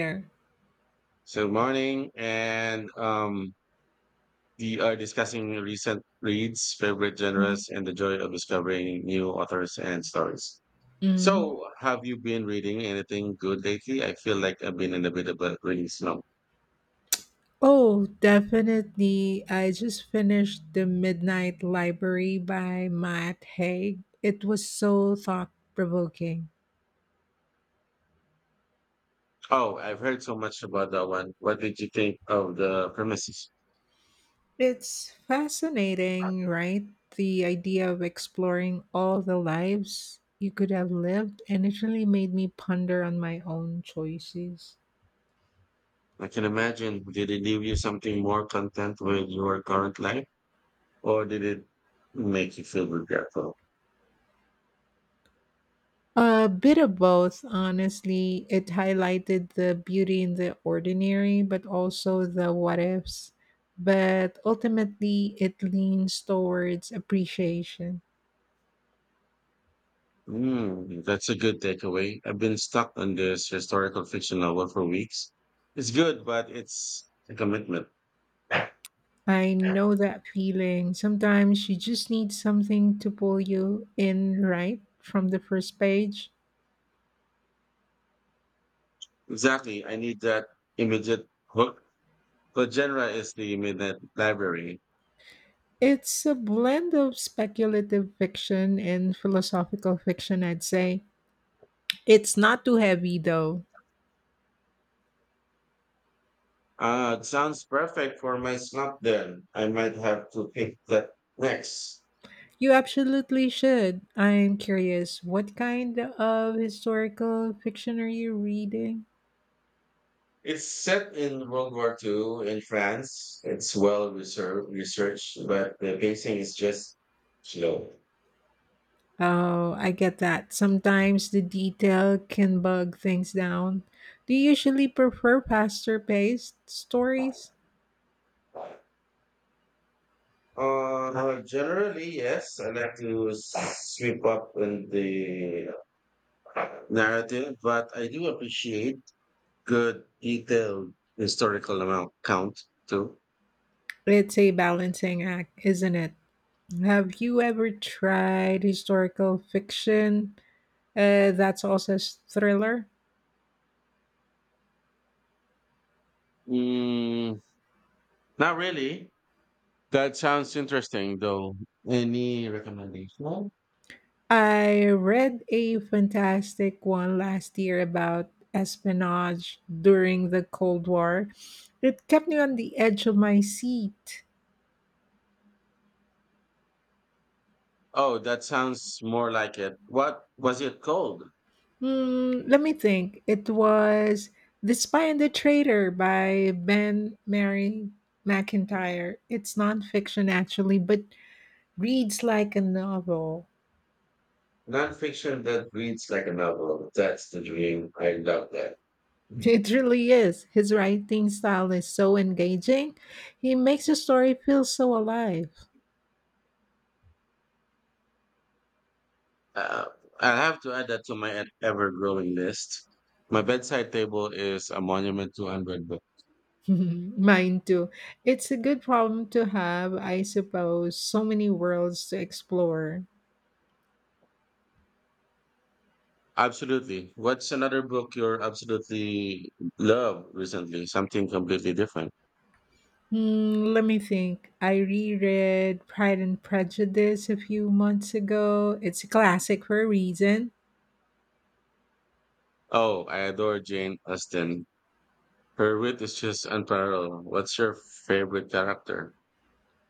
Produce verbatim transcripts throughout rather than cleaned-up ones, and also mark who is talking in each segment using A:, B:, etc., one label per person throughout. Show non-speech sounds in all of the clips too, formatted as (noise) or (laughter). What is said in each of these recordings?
A: There.
B: So morning, and um, we are discussing recent reads, favorite genres, and the joy of discovering new authors and stories.
A: Mm.
B: So, have you been reading anything good lately? I feel like I've been in a bit of a reading slump.
A: Oh, definitely. I just finished The Midnight Library by Matt Haig. It was so thought provoking.
B: Oh, I've heard so much about that one. What did you think of the premises?
A: It's fascinating, right? The idea of exploring all the lives you could have lived, and it really made me ponder on my own choices.
B: I can imagine. Did it leave you something more content with your current life, or did it make you feel regretful?
A: A bit of both, honestly. It highlighted the beauty in the ordinary, but also the what ifs. But ultimately, it leans towards appreciation.
B: Mm, that's a good takeaway. I've been stuck on this historical fiction novel for weeks. It's good, but it's a commitment.
A: I know that feeling. Sometimes you just need something to pull you in right from the first page.
B: Exactly. I need that immediate hook. The genre is the midnight library.
A: It's a blend of speculative fiction and philosophical fiction, I'd say. It's not too heavy, though.
B: Uh, it sounds perfect for my slump then. I might have to pick that next.
A: You absolutely should. I'm curious, what kind of historical fiction are you reading?
B: It's set in World War Two in France. It's well reser- researched, but the pacing is just slow.
A: Oh, I get that. Sometimes the detail can bug things down. Do you usually prefer faster paced stories?
B: Uh, generally, yes, I like to sweep up in the narrative, but I do appreciate good, detailed historical amount count too.
A: It's a balancing act, isn't it? Have you ever tried historical fiction uh, that's also a thriller?
B: Mm, not really. That sounds interesting, though. Any recommendation?
A: I read a fantastic one last year about espionage during the Cold War. It kept me on the edge of my seat.
B: Oh, that sounds more like it. What was it called?
A: Hmm, let me think. It was The Spy and the Traitor by Ben Mary McIntyre. It's nonfiction, actually, but reads like a novel. (laughs)
B: Nonfiction that reads like a novel. That's the dream. I love that.
A: It really is. His writing style is so engaging. He makes the story feel so alive.
B: Uh, I'll have to add that to my ever-growing list. My bedside table is a monument to unread books.
A: (laughs) Mine too. It's a good problem to have, I suppose. So many worlds to explore.
B: Absolutely. What's another book you're absolutely love recently? Something completely different.
A: Hmm, let me think. I reread Pride and Prejudice a few months ago. It's a classic for a reason.
B: Oh, I adore Jane Austen. Her wit is just unparalleled. What's your favorite character?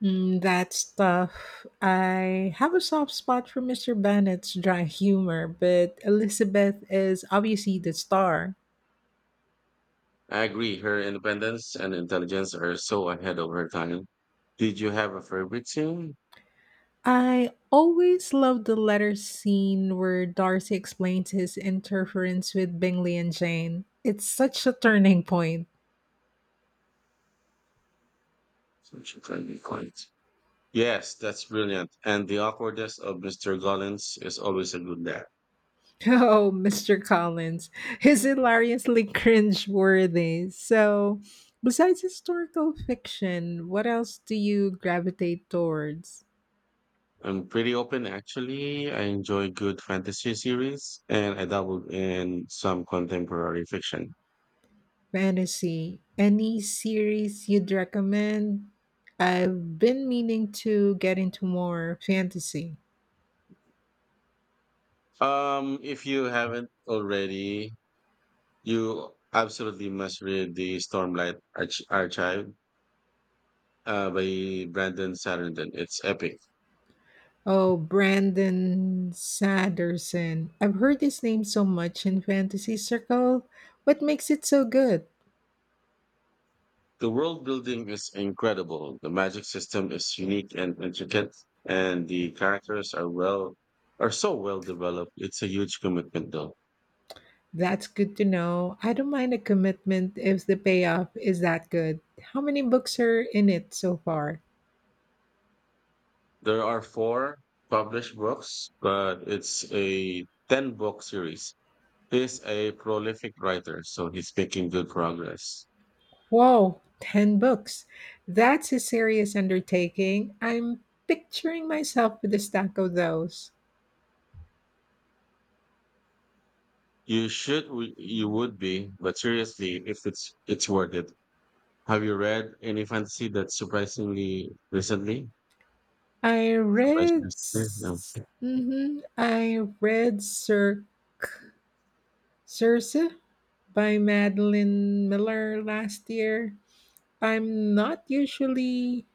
A: Mm, that stuff. I have a soft spot for Mister Bennett's dry humor, but Elizabeth is obviously the star.
B: I agree. Her independence and intelligence are so ahead of her time. Did you have a favorite scene?
A: I always love the letter scene where Darcy explains his interference with Bingley and Jane. It's such a turning point.
B: Such a friendly point. Yes, that's brilliant. And the awkwardness of mister Gollins is always a good laugh.
A: (laughs) Oh, Mister Collins is hilariously cringe-worthy. So, besides historical fiction, what else do you gravitate towards?
B: I'm pretty open actually. I enjoy good fantasy series and I dabbled in some contemporary fiction.
A: Fantasy. Any series you'd recommend? I've been meaning to get into more fantasy.
B: Um, if you haven't already, you absolutely must read the Stormlight Arch- Archive uh, by Brandon Sanderson. It's epic.
A: Oh, Brandon Sanderson. I've heard his name so much in fantasy circle. What makes it so good?
B: The world building is incredible. The magic system is unique and intricate, and the characters are well are so well developed. It's a huge commitment though.
A: That's good to know. I don't mind a commitment if the payoff is that good. How many books are in it so far?
B: There are four published books, but it's a ten book series. He's a prolific writer, so he's making good progress.
A: Whoa, ten books. That's a serious undertaking. I'm picturing myself with a stack of those.
B: You should w- you would be, but seriously, if it's it's worth it. Have you read any fantasy that surprisingly recently?
A: I
B: Surprisingly,
A: read.
B: recently? No.
A: s- Mhm. I read Sir Circe by Madeline Miller last year. I'm not usually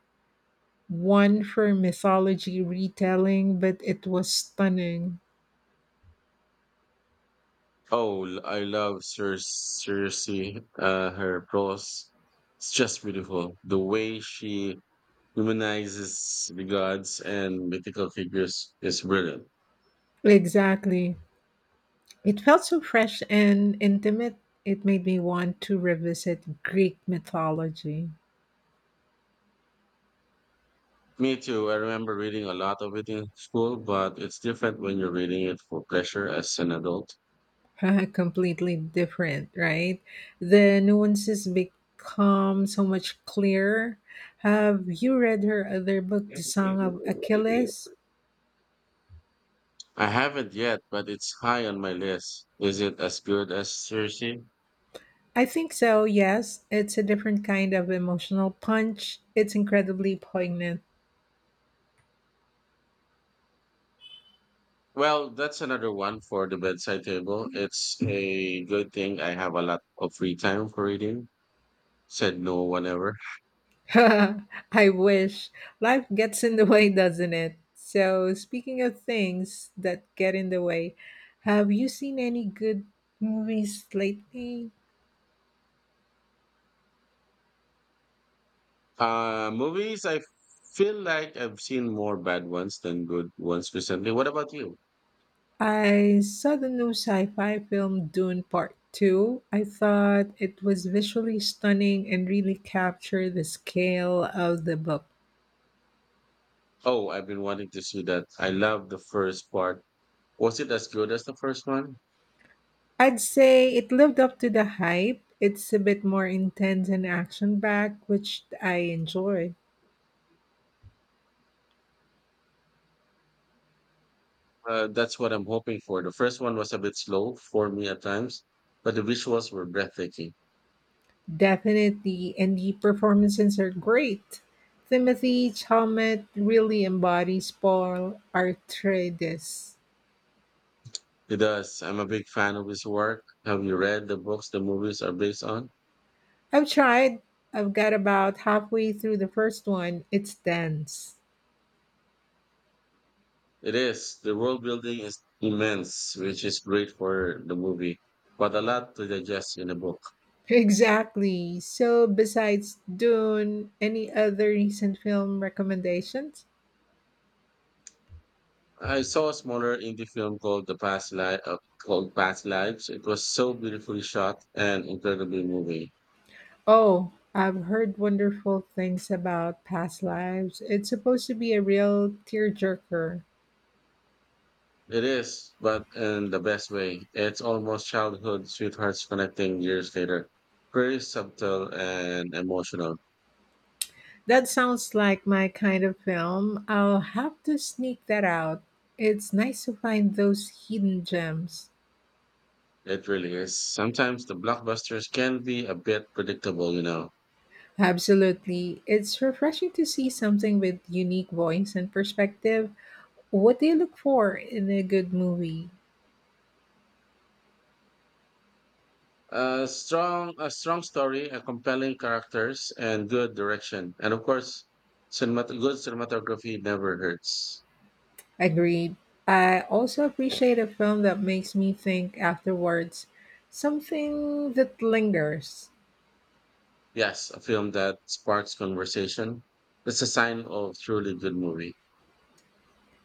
A: one for mythology retelling, but it was stunning.
B: Oh, l- I love Cer- Cersei, uh, her prose. It's just beautiful. The way she humanizes the gods and mythical figures is brilliant.
A: Exactly. It felt so fresh and intimate. It made me want to revisit Greek mythology.
B: Me too. I remember reading a lot of it in school, but it's different when you're reading it for pleasure as an adult.
A: (laughs) Completely different, right? The nuances become so much clearer. Have you read her other book, The Song of Achilles?
B: I haven't yet, but it's high on my list. Is it as good as Cersei?
A: I think so, yes. It's a different kind of emotional punch. It's incredibly poignant.
B: Well, that's another one for the bedside table. It's a good thing I have a lot of free time for reading, said no one ever.
A: (laughs) I wish. Life gets in the way, doesn't it? So, speaking of things that get in the way, have you seen any good movies lately?
B: Uh, movies, I feel like I've seen more bad ones than good ones recently. What about you?
A: I saw the new sci fi film Dune Part two. I thought it was visually stunning and really captured the scale of the book.
B: Oh, I've been wanting to see that. I love the first part. Was it as good as the first one?
A: I'd say it lived up to the hype. It's a bit more intense and action packed, which I enjoy.
B: Uh, that's what I'm hoping for. The first one was a bit slow for me at times, but the visuals were breathtaking.
A: Definitely, and the performances are great. Timothy Chalmette really embodies Paul Atreides.
B: It does. I'm a big fan of his work. Have you read the books the movies are based on?
A: I've tried. I've got about halfway through the first one. It's dense.
B: It is. The world building is immense, which is great for the movie, but a lot to digest in the book.
A: (laughs) Exactly. So, besides Dune, any other recent film recommendations?
B: I saw a smaller indie film called The Past Life, uh, called Past Lives. It was so beautifully shot and incredibly moving.
A: Oh, I've heard wonderful things about past lives. It's supposed to be a real tearjerker.
B: It is, but in the best way. It's almost childhood sweethearts connecting years later. Very subtle and emotional.
A: That sounds like my kind of film. I'll have to sneak that out. It's nice to find those hidden gems.
B: It really is. Sometimes the blockbusters can be a bit predictable, you know.
A: Absolutely. It's refreshing to see something with unique voice and perspective. What do you look for in a good movie?
B: a strong a strong story, a compelling characters and good direction, and of course cinemat- good cinematography never hurts.
A: Agreed. I also appreciate a film that makes me think afterwards, something that lingers.
B: Yes, a film that sparks conversation, that's a sign of truly good movie.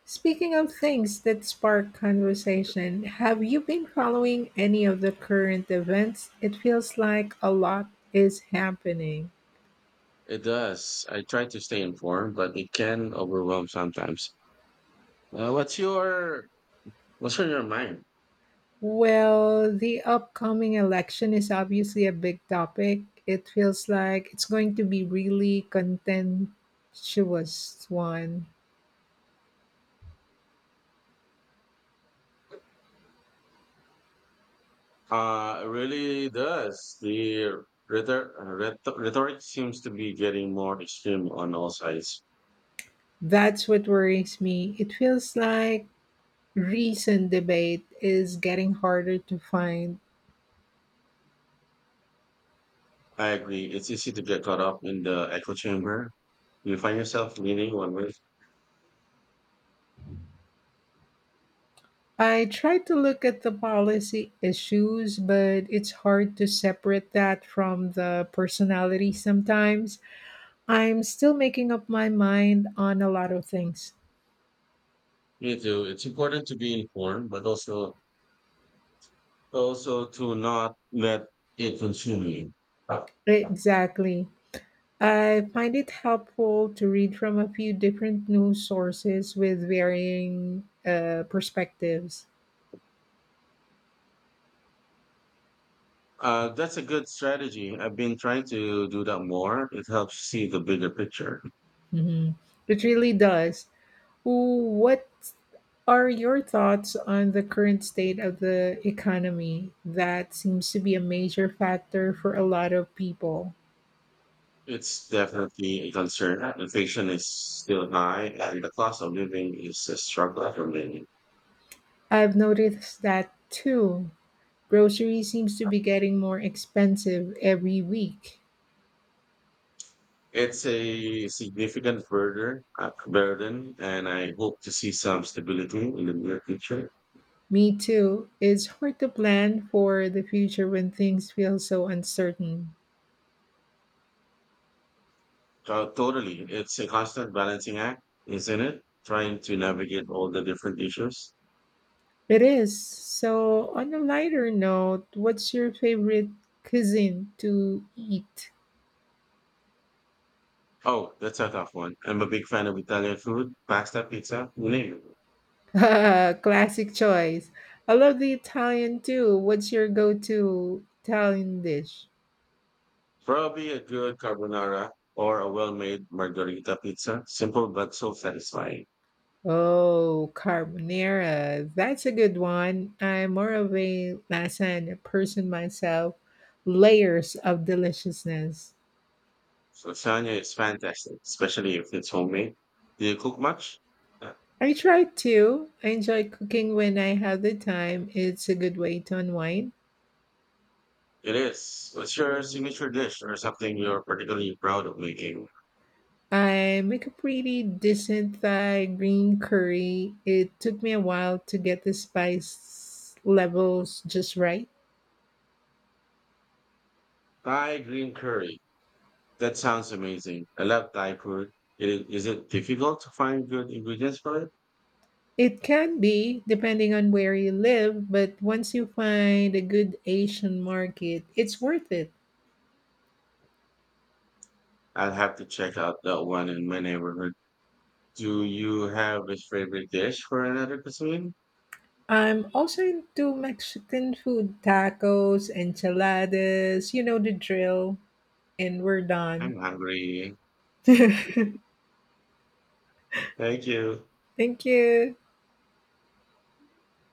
A: Speaking of things that spark conversation, have you been following any of the current events? It feels like a lot is happening.
B: It does. I try to stay informed, but it can overwhelm sometimes. uh, what's your what's on your mind?
A: Well, the upcoming election is obviously a big topic. It feels like it's going to be really contentious one.
B: uh it really does. The rhetor- rhetor- rhetoric seems to be getting more extreme on all sides.
A: That's what worries me. It feels like recent debate is getting harder to find.
B: I agree. It's easy to get caught up in the echo chamber. You find yourself leaning one way.
A: I try to look at the policy issues, but it's hard to separate that from the personality sometimes. I'm still making up my mind on a lot of things.
B: Me too. It's important to be informed, but also also to not let it consume you. Uh,
A: Exactly. I find it helpful to read from a few different news sources with varying uh, perspectives.
B: uh, that's a good strategy. I've been trying to do that more. It helps see the bigger picture.
A: Mhm. It really does. What are your thoughts on the current state of the economy? That seems to be a major factor for a lot of people.
B: It's definitely a concern. Inflation is still high, and the cost of living is a struggle for many.
A: I've noticed that too. Grocery seems to be getting more expensive every week.
B: It's a significant burden, uh, burden, and I hope to see some stability in the near future.
A: Me too. It's hard to plan for the future when things feel so uncertain.
B: To- totally, it's a constant balancing act, isn't it? Trying to navigate all the different issues.
A: It is. So, on a lighter note, what's your favorite cuisine to eat?
B: Oh, that's a tough one. I'm a big fan of Italian food, pasta, pizza, you name it.
A: (laughs) Classic choice. I love the Italian too. What's your go-to Italian dish?
B: Probably a good carbonara or a well-made margherita pizza. Simple but so satisfying.
A: Oh, carbonara. That's a good one. I'm more of a lasagna person myself. Layers of deliciousness.
B: Lasagna is fantastic, especially if it's homemade. Do you cook much? Uh,
A: I try to. I enjoy cooking when I have the time. It's a good way to unwind.
B: It is. What's your signature dish or something you're particularly proud of making?
A: I make a pretty decent Thai green curry. It took me a while to get the spice levels just right.
B: Thai green curry. That sounds amazing. I love Thai food. It is, is it difficult to find good ingredients for it?
A: It can be, depending on where you live, but once you find a good Asian market, it's worth it.
B: I'll have to check out that one in my neighborhood. Do you have a favorite dish for another cuisine?
A: I'm also into Mexican food tacos, enchiladas, you know the drill, and we're done.
B: I'm hungry.
A: (laughs) Thank
B: Thank you.
A: you.